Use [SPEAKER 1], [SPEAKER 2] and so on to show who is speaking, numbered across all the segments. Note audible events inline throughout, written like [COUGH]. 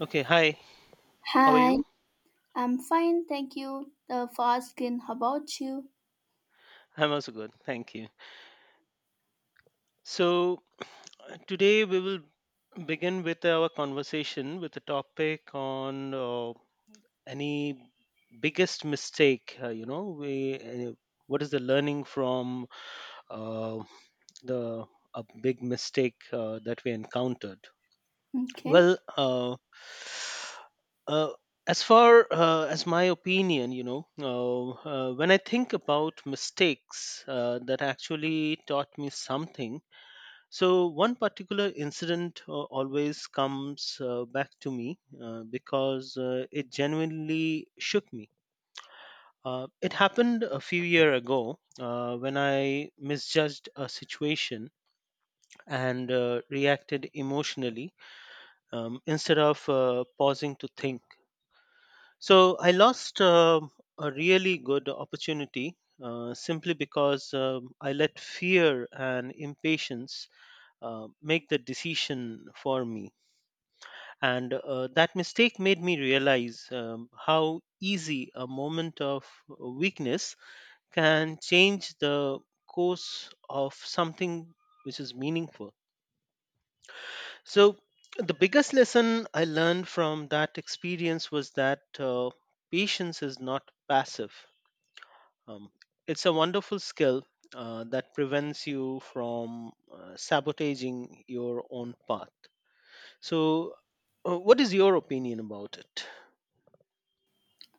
[SPEAKER 1] Okay, hi. How are
[SPEAKER 2] Hi,
[SPEAKER 1] you?
[SPEAKER 2] I'm fine, thank you for asking. How about you?
[SPEAKER 1] I'm also good. Thank you. So, today we will begin with our conversation with a topic on any biggest mistake, you know, we what is the learning from uh, the a big mistake that we encountered.
[SPEAKER 2] Okay.
[SPEAKER 1] Well, uh, uh, as far as my opinion, when I think about mistakes that actually taught me something, so one particular incident always comes back to me because it genuinely shook me. It happened a few years ago when I misjudged a situation and reacted emotionally instead of pausing to think. So I lost a really good opportunity simply because I let fear and impatience make the decision for me. And that mistake made me realize how easy a moment of weakness can change the course of something which is meaningful. So the biggest lesson I learned from that experience was that patience is not passive. Um, it's a wonderful skill that prevents you from sabotaging your own path. So, what is your opinion about it?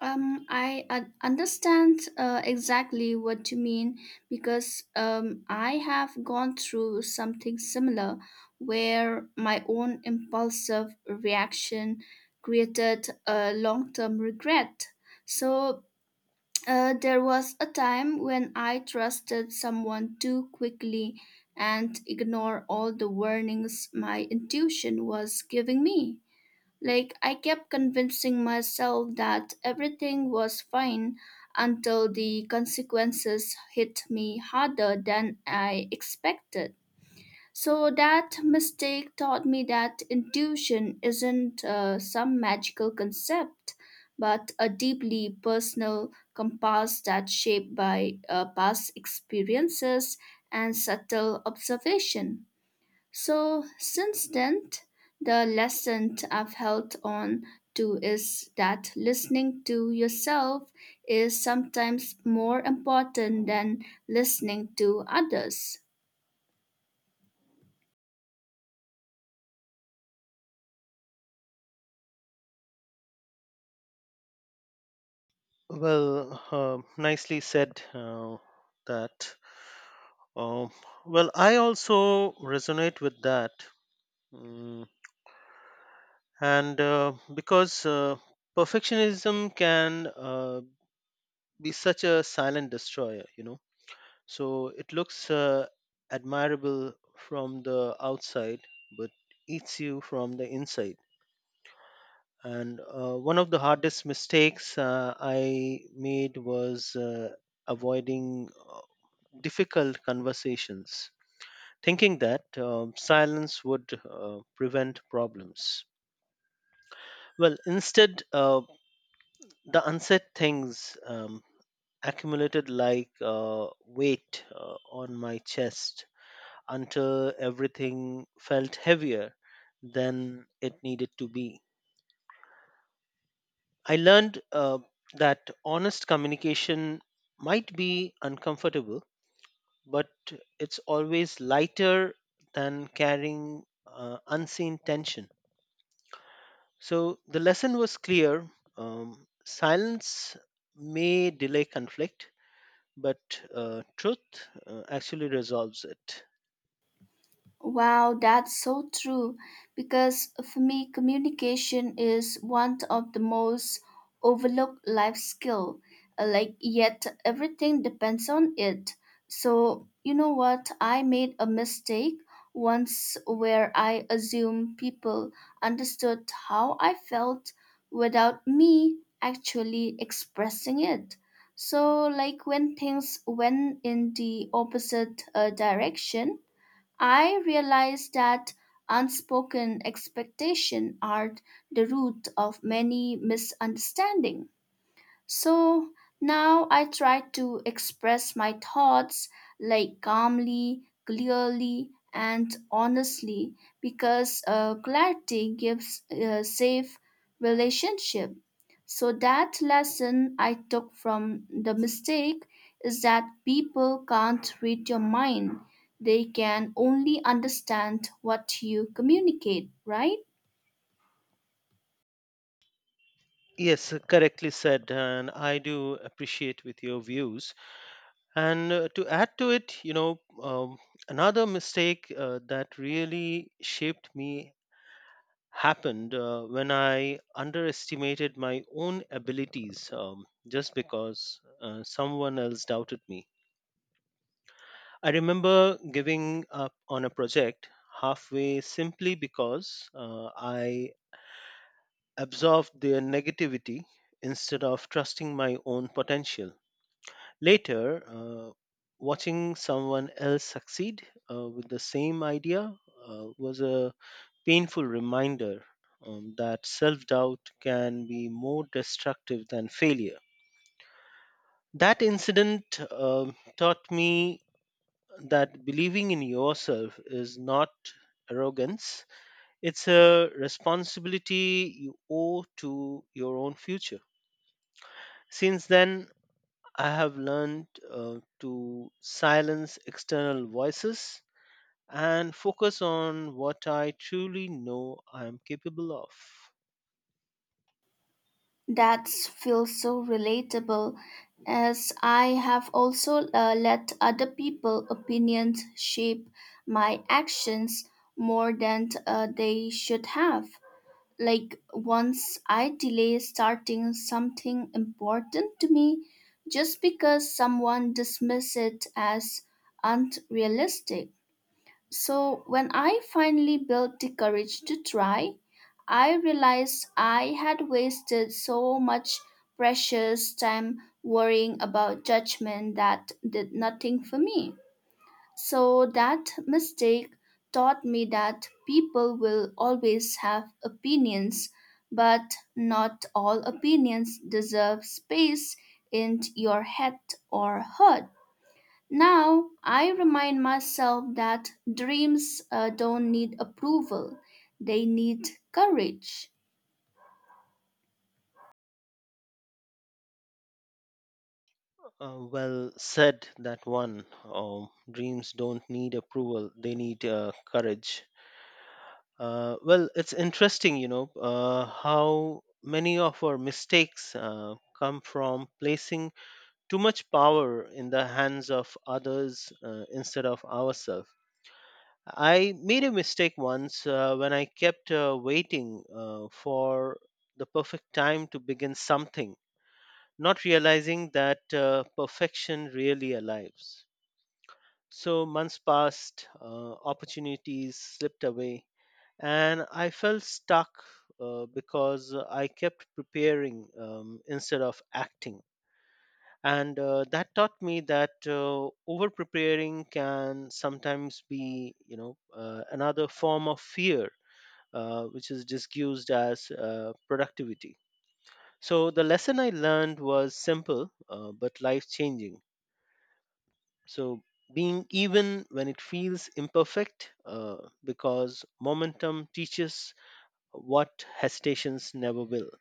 [SPEAKER 2] I understand exactly what you mean because I have gone through something similar where my own impulsive reaction created a long term regret. So there was a time when I trusted someone too quickly and ignored all the warnings my intuition was giving me. Like, I kept convincing myself that everything was fine until the consequences hit me harder than I expected. So that mistake taught me that intuition isn't some magical concept, but a deeply personal compass that's shaped by past experiences and subtle observation. So since then, the lesson I've held on to is that listening to yourself is sometimes more important than listening to others.
[SPEAKER 1] Well, nicely said that. Um, well, I also resonate with that. Mm, and because perfectionism can be such a silent destroyer, you know. So it looks admirable from the outside, but eats you from the inside. And one of the hardest mistakes I made was avoiding difficult conversations, thinking that silence would prevent problems. Well, instead, the unsaid things accumulated like weight on my chest until everything felt heavier than it needed to be. I learned that honest communication might be uncomfortable, but it's always lighter than carrying unseen tension. So the lesson was clear: silence may delay conflict, but truth actually resolves it.
[SPEAKER 2] Wow, that's so true. Because for me, communication is one of the most overlooked life skill. Like yet everything depends on it. So you know what? I made a mistake once where I assumed people understood how I felt without me actually expressing it. So like when things went in the opposite direction, I realized that unspoken expectations are the root of many misunderstandings. So now I try to express my thoughts like calmly, clearly, and honestly because clarity gives a safe relationship. So that lesson I took from the mistake is that people can't read your mind. They can only understand what you communicate, right?
[SPEAKER 1] Yes, correctly said, and I do appreciate with your views. And to add to it, another mistake that really shaped me happened when I underestimated my own abilities just because someone else doubted me. I remember giving up on a project halfway simply because I absorbed their negativity instead of trusting my own potential. Later, watching someone else succeed with the same idea was a painful reminder that self doubt can be more destructive than failure. That incident taught me that believing in yourself is not arrogance, it's a responsibility you owe to your own future. Since then, I have learned to silence external voices and focus on what I truly know I am capable of.
[SPEAKER 2] That feels so relatable as I have also let other people's opinions shape my actions more than they should have. Like once I delay starting something important to me just because someone dismissed it as unrealistic. So, when I finally built the courage to try, I realized I had wasted so much precious time worrying about judgment that did nothing for me. So, that mistake taught me that people will always have opinions, but not all opinions deserve space in your head or heart. Now I remind myself that dreams don't need approval, they need courage.
[SPEAKER 1] Well said, that one. Dreams don't need approval, they need courage. Well, it's interesting, you know, how many of our mistakes come from placing too much power in the hands of others instead of ourselves. I made a mistake once when I kept waiting for the perfect time to begin something, not realizing that perfection really arrives. So months passed, opportunities slipped away, and I felt stuck because I kept preparing instead of acting. And that taught me that over preparing can sometimes be, another form of fear which is disguised as productivity. So the lesson I learned was simple but life changing. So being even when it feels imperfect, because momentum teaches what hesitations never will.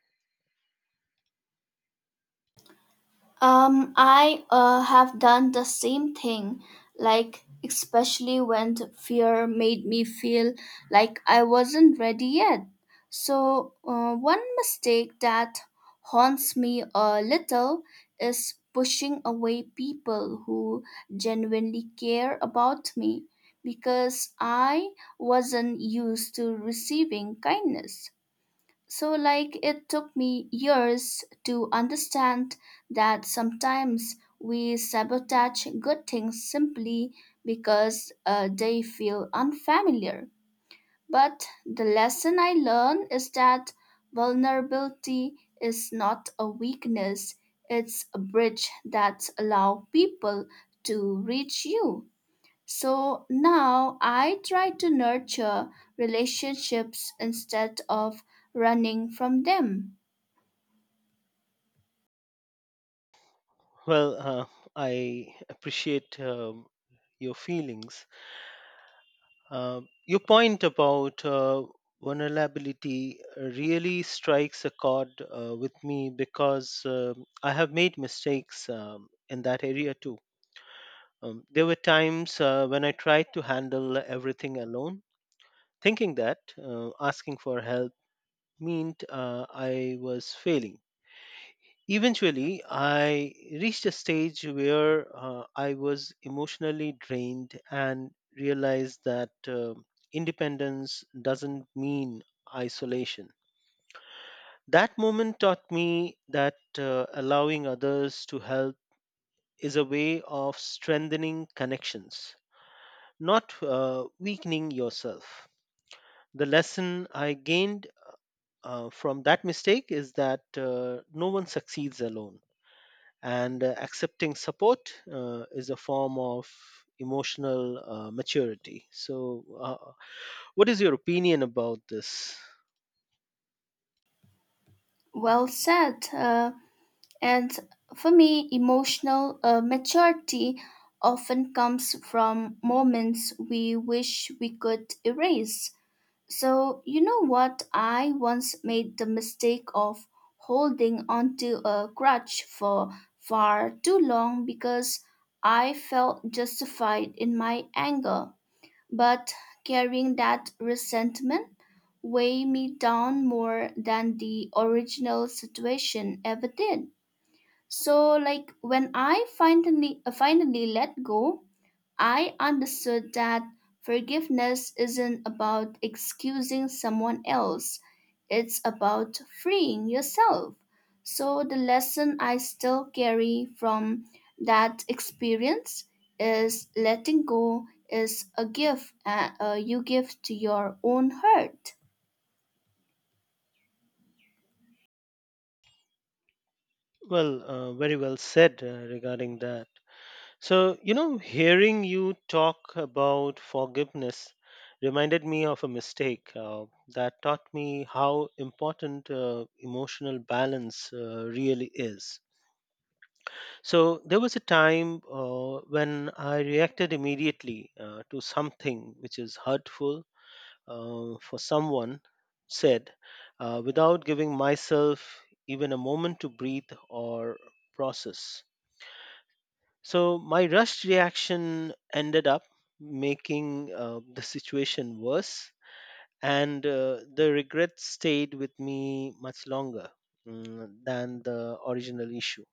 [SPEAKER 2] I have done the same thing, like, especially when the fear made me feel like I wasn't ready yet. So, one mistake that haunts me a little is pushing away people who genuinely care about me because I wasn't used to receiving kindness. So, like, it took me years to understand that sometimes we sabotage good things simply because they feel unfamiliar. But the lesson I learned is that vulnerability is not a weakness, it's a bridge that allows people to reach you. So now I try to nurture relationships instead of running from them.
[SPEAKER 1] Well, I appreciate your feelings. Uh, your point about vulnerability really strikes a chord with me because I have made mistakes in that area too. There were times when I tried to handle everything alone, thinking that asking for help meant I was failing. Eventually, I reached a stage where I was emotionally drained and realized that independence doesn't mean isolation. That moment taught me that allowing others to help is a way of strengthening connections, not weakening yourself. The lesson I gained from that mistake is that no one succeeds alone and accepting support is a form of emotional maturity. So what is your opinion about this?
[SPEAKER 2] Well said. And for me, emotional maturity often comes from moments we wish we could erase. So, you know what? I once made the mistake of holding onto a grudge for far too long because I felt justified in my anger. But carrying that resentment weighed me down more than the original situation ever did. So, like when I finally let go, I understood that forgiveness isn't about excusing someone else, it's about freeing yourself. So, the lesson I still carry from that experience is letting go is a gift you give to your own heart.
[SPEAKER 1] Well, very well said regarding that. So you know, hearing you talk about forgiveness reminded me of a mistake that taught me how important emotional balance really is. So there was a time when I reacted immediately to something which is hurtful for someone said without giving myself even a moment to breathe or process. So my rushed reaction ended up making the situation worse, and the regret stayed with me much longer than the original issue.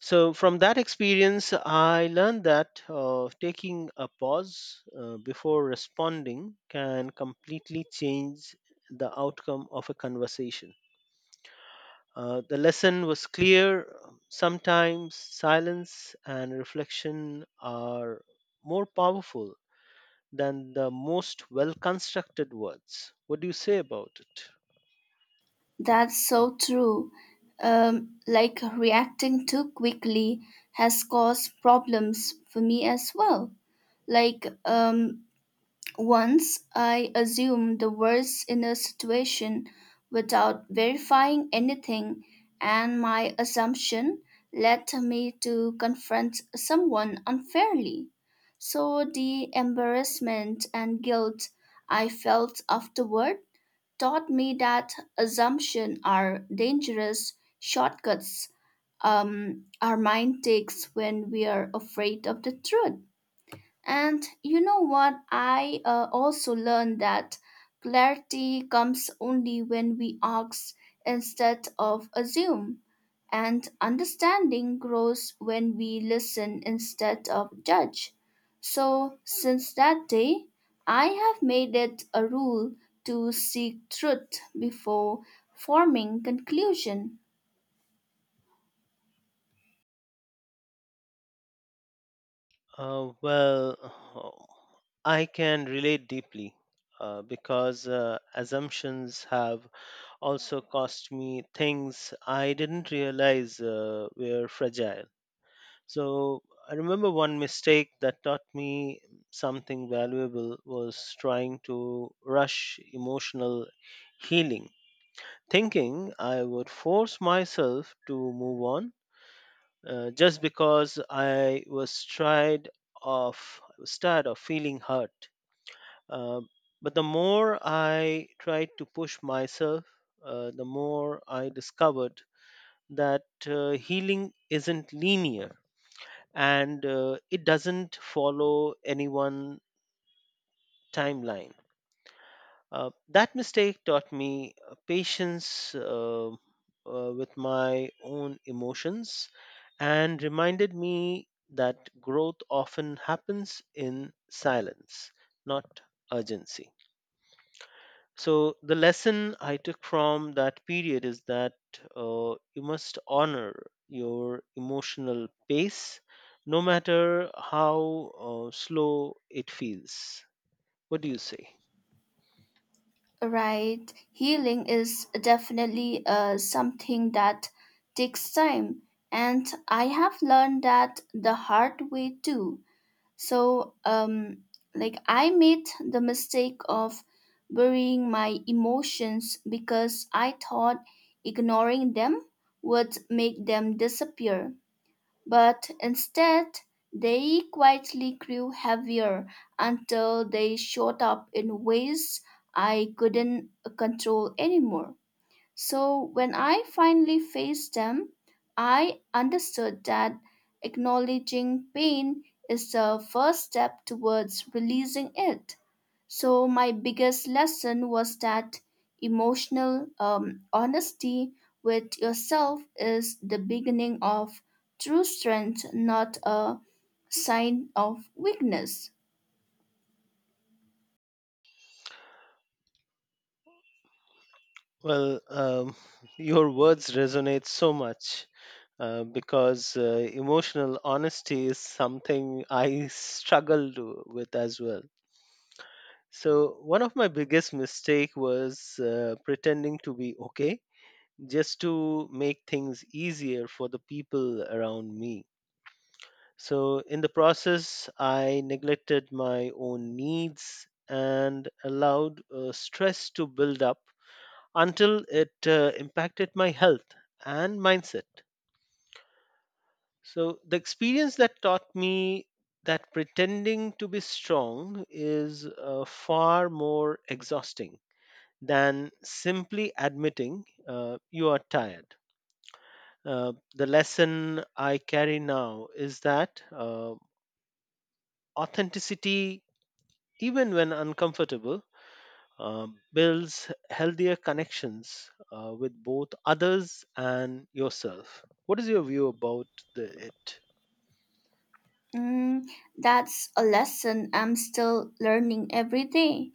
[SPEAKER 1] So, from that experience, I learned that taking a pause before responding can completely change the outcome of a conversation. The lesson was clear. Sometimes silence and reflection are more powerful than the most well constructed words. What do you say about it?
[SPEAKER 2] That's so true. Like reacting too quickly has caused problems for me as well. Like um, Once I assumed the worst in a situation without verifying anything, and my assumption led me to confront someone unfairly. So the embarrassment and guilt I felt afterward taught me that assumptions are dangerous shortcuts our mind takes when we are afraid of the truth. And you know what? I also learned that clarity comes only when we ask instead of assume. And understanding grows when we listen instead of judge. So, since that day, I have made it a rule to seek truth before forming conclusion.
[SPEAKER 1] Well, [SIGHS] I can relate deeply because assumptions have also cost me things I didn't realize were fragile. So I remember one mistake that taught me something valuable was trying to rush emotional healing, thinking I would force myself to move on just because of I was tired of feeling hurt. Um, but the more I tried to push myself, the more I discovered that healing isn't linear and it doesn't follow any one timeline. That mistake taught me patience with my own emotions and reminded me that growth often happens in silence, not urgency. So, the lesson I took from that period is that you must honor your emotional pace no matter how slow it feels. What do you say?
[SPEAKER 2] Right. Healing is definitely something that takes time. And I have learned that the hard way too. So, I made the mistake of burying my emotions because I thought ignoring them would make them disappear but instead they quietly grew heavier until they shot up in ways I couldn't control anymore. So when I finally faced them, I understood that acknowledging pain is the first step towards releasing it. So, my biggest lesson was that emotional honesty with yourself is the beginning of true strength, not a sign of weakness.
[SPEAKER 1] Well, your words resonate so much because emotional honesty is something I struggled with as well. So one of my biggest mistake was pretending to be okay just to make things easier for the people around me. So in the process, I neglected my own needs and allowed stress to build up until it impacted my health and mindset. So, the experience that taught me that pretending to be strong is far more exhausting than simply admitting you are tired. The lesson I carry now is that authenticity, even when uncomfortable, builds healthier connections with both others and yourself. What is your view about it?
[SPEAKER 2] Mm, that's a lesson I'm still learning every day.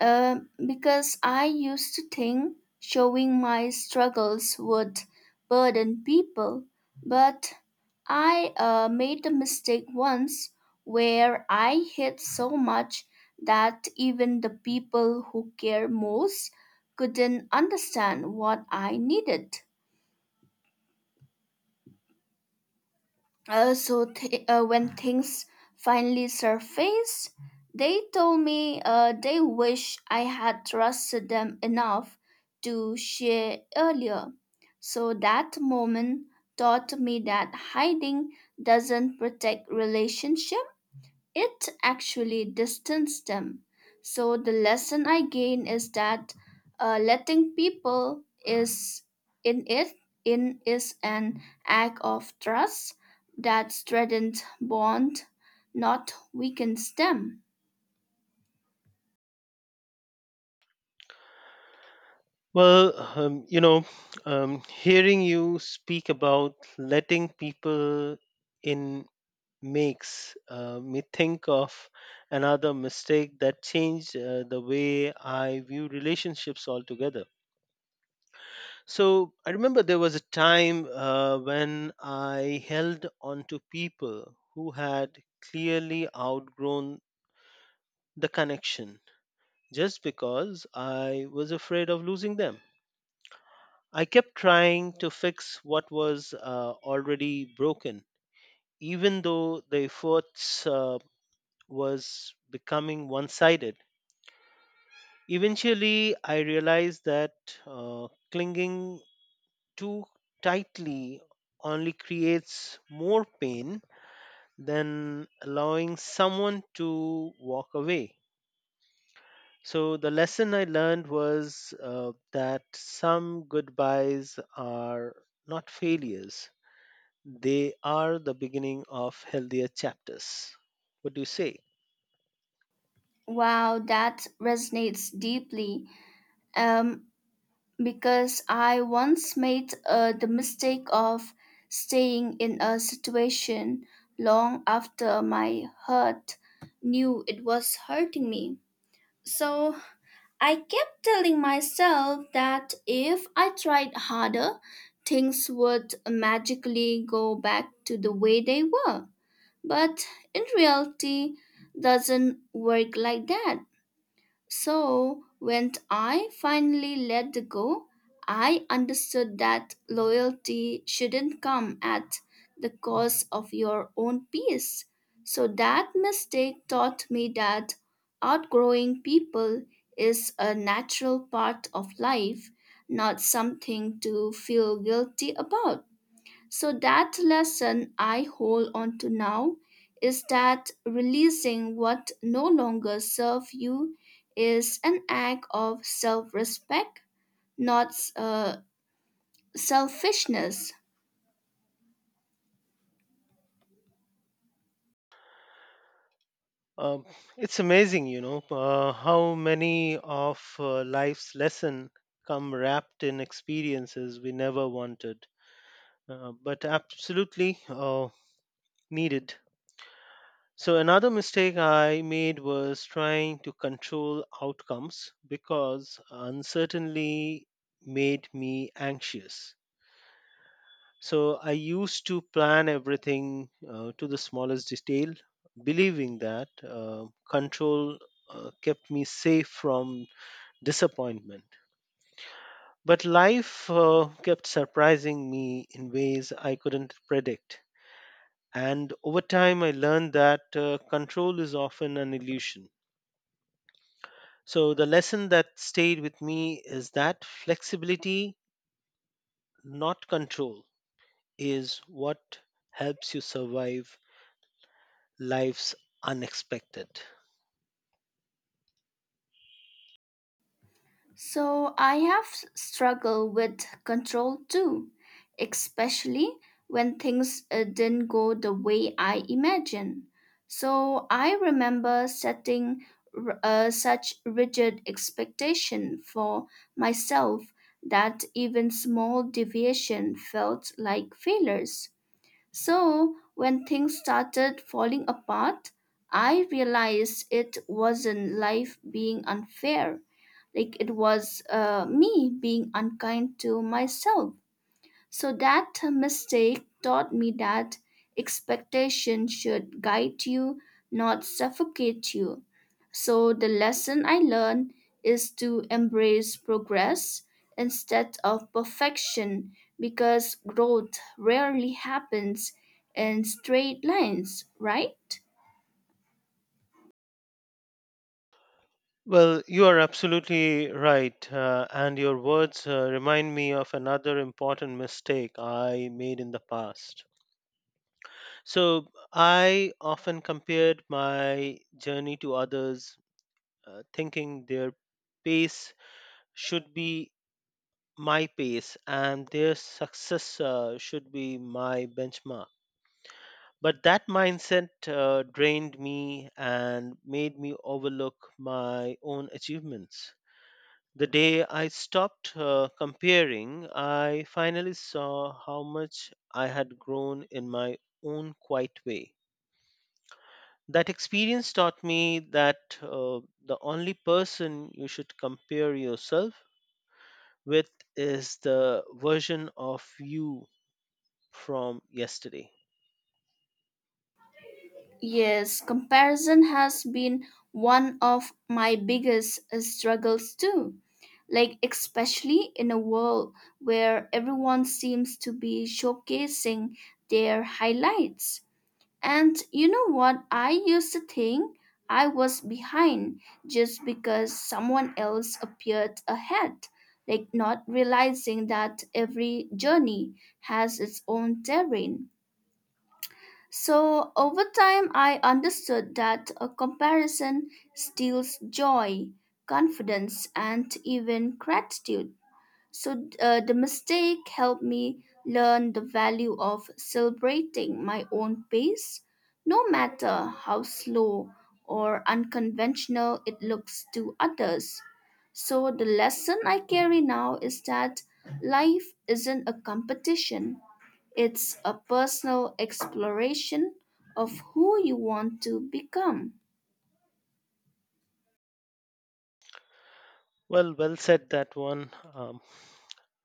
[SPEAKER 2] Uh, because I used to think showing my struggles would burden people, but I made a mistake once where I hid so much that even the people who care most couldn't understand what I needed. When things finally surfaced, they told me they wish I had trusted them enough to share earlier. So that moment taught me that hiding doesn't protect relationship. It actually distanced them. So the lesson I gain is that letting people is in it in is an act of trust that strengthens bond, not weakens them.
[SPEAKER 1] Well, hearing you speak about letting people in makes me think of another mistake that changed the way I view relationships altogether. So I remember there was a time when I held on to people who had clearly outgrown the connection just because I was afraid of losing them. I kept trying to fix what was already broken, even though the efforts was becoming one sided. Eventually, I realized that clinging too tightly only creates more pain than allowing someone to walk away. So the lesson I learned was that some goodbyes are not failures. They are the beginning of healthier chapters. What do you say?
[SPEAKER 2] Wow, that resonates deeply. Um, because I once made the mistake of staying in a situation long after my hurt knew it was hurting me. So I kept telling myself that if I tried harder, things would magically go back to the way they were. But in reality, doesn't work like that. So, when I finally let go, I understood that loyalty shouldn't come at the cost of your own peace. So, that mistake taught me that outgrowing people is a natural part of life, not something to feel guilty about. So that lesson I hold on to now is that releasing what no longer serves you is an act of self-respect, not selfishness.
[SPEAKER 1] Um, it's amazing, you know, how many of life's lesson come wrapped in experiences we never wanted, but absolutely needed. So another mistake I made was trying to control outcomes because uncertainty made me anxious. So I used to plan everything to the smallest detail, believing that control kept me safe from disappointment. But life kept surprising me in ways I couldn't predict. And over time, I learned that control is often an illusion. So the lesson that stayed with me is that flexibility, not control, is what helps you survive life's unexpected.
[SPEAKER 2] So I have struggled with control too, especially when things didn't go the way I imagined. So I remember setting such rigid expectation for myself that even small deviation felt like failures. So, when things started falling apart, I realized it wasn't life being unfair. Like it was me being unkind to myself. So that mistake taught me that expectation should guide you, not suffocate you. So the lesson I learned is to embrace progress instead of perfection because growth rarely happens in straight lines, right?
[SPEAKER 1] Well, you are absolutely right, and your words remind me of another important mistake I made in the past. So, I often compared my journey to others, thinking their pace should be my pace and their success should be my benchmark. But that mindset drained me and made me overlook my own achievements. The day I stopped comparing, I finally saw how much I had grown in my own quiet way. That experience taught me that the only person you should compare yourself with is the version of you from yesterday.
[SPEAKER 2] Yes, comparison has been one of my biggest struggles too. Like, especially in a world where everyone seems to be showcasing their highlights. And you know what? I used to think I was behind just because someone else appeared ahead, like, not realizing that every journey has its own terrain so over time, I understood that a comparison steals joy, confidence, and even gratitude. So the mistake helped me learn the value of celebrating my own pace, no matter how slow or unconventional it looks to others. So the lesson I carry now is that life isn't a competition, it's a personal exploration of who you want to become.
[SPEAKER 1] Well, well said that one.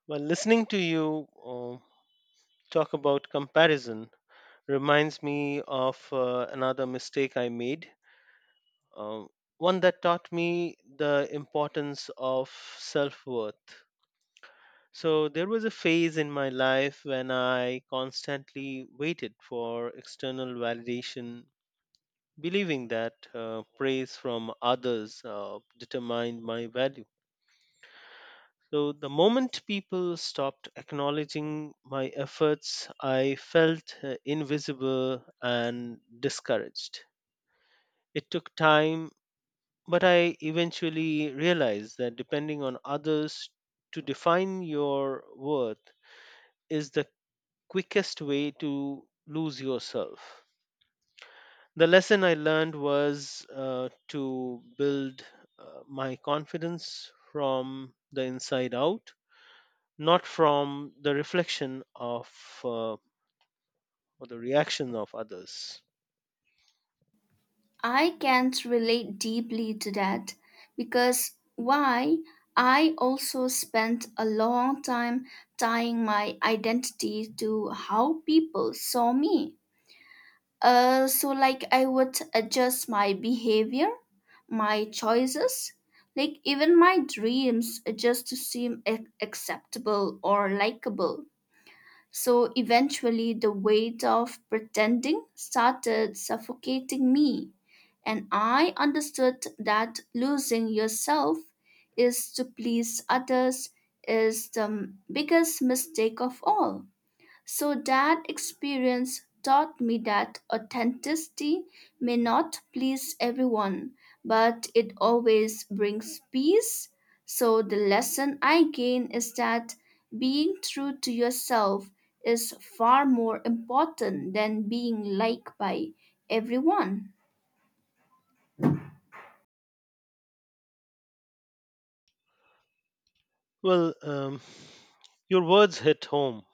[SPEAKER 1] Well, listening to you talk about comparison reminds me of another mistake I made, um, one that taught me the importance of self worth. So, there was a phase in my life when I constantly waited for external validation, believing that praise from others determined my value. So the moment people stopped acknowledging my efforts, I felt invisible and discouraged. It took time, but I eventually realized that depending on others to define your worth is the quickest way to lose yourself. The lesson I learned was to build my confidence from the inside out, not from the reflection of uh, or the reaction of others.
[SPEAKER 2] I can't relate deeply to that because why? I also spent a long time tying my identity to how people saw me. So, like, I would adjust my behavior, my choices, like, even my dreams just to seem acceptable or likable. So, eventually, the weight of pretending started suffocating me. And I understood that losing yourself is to please others is the biggest mistake of all. So that experience taught me that authenticity may not please everyone, but it always brings peace. So the lesson I gain is that being true to yourself is far more important than being liked by everyone.
[SPEAKER 1] Well, your words hit home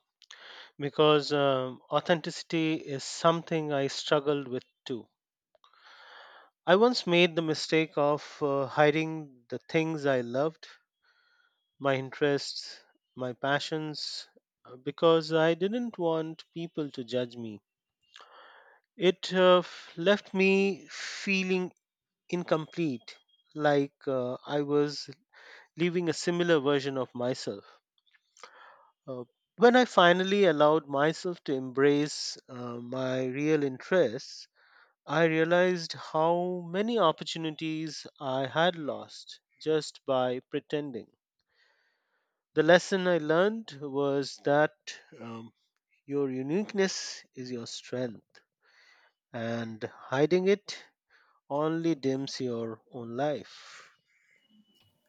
[SPEAKER 1] because authenticity is something I struggled with too. I once made the mistake of hiding the things I loved, my interests, my passions, because I didn't want people to judge me. It left me feeling incomplete, like I was leaving a similar version of myself. Uh, when I finally allowed myself to embrace my real interests, I realized how many opportunities I had lost just by pretending. The lesson I learned was that um, your uniqueness is your strength, and hiding it only dims your own life.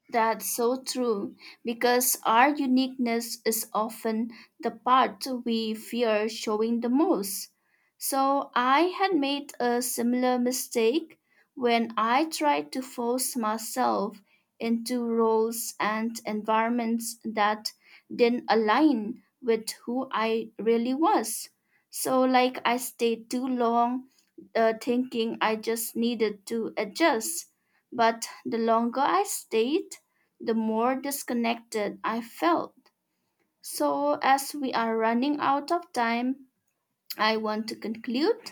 [SPEAKER 2] That's so true, because our uniqueness is often the part we fear showing the most. So, I had made a similar mistake when I tried to force myself into roles and environments that didn't align with who I really was. So, like, I stayed too long thinking I just needed to adjust. But the longer I stayed, the more disconnected I felt. So, as we are running out of time, I want to conclude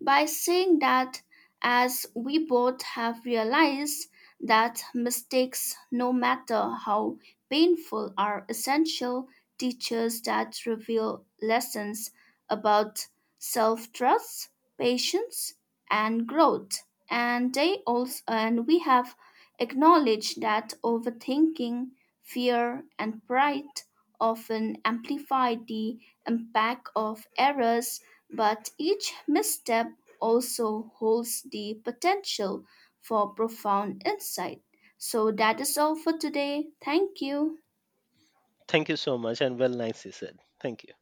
[SPEAKER 2] by saying that as we both have realized that mistakes no matter how painful are essential teachers that reveal lessons about self-trust, patience, and growth, and they also and we have acknowledged that overthinking, fear, and pride often amplify the impact of errors but each misstep also holds the potential for profound insight. So that is all for today. Thank you.
[SPEAKER 1] Thank you so much, and well nicely said. Thank you.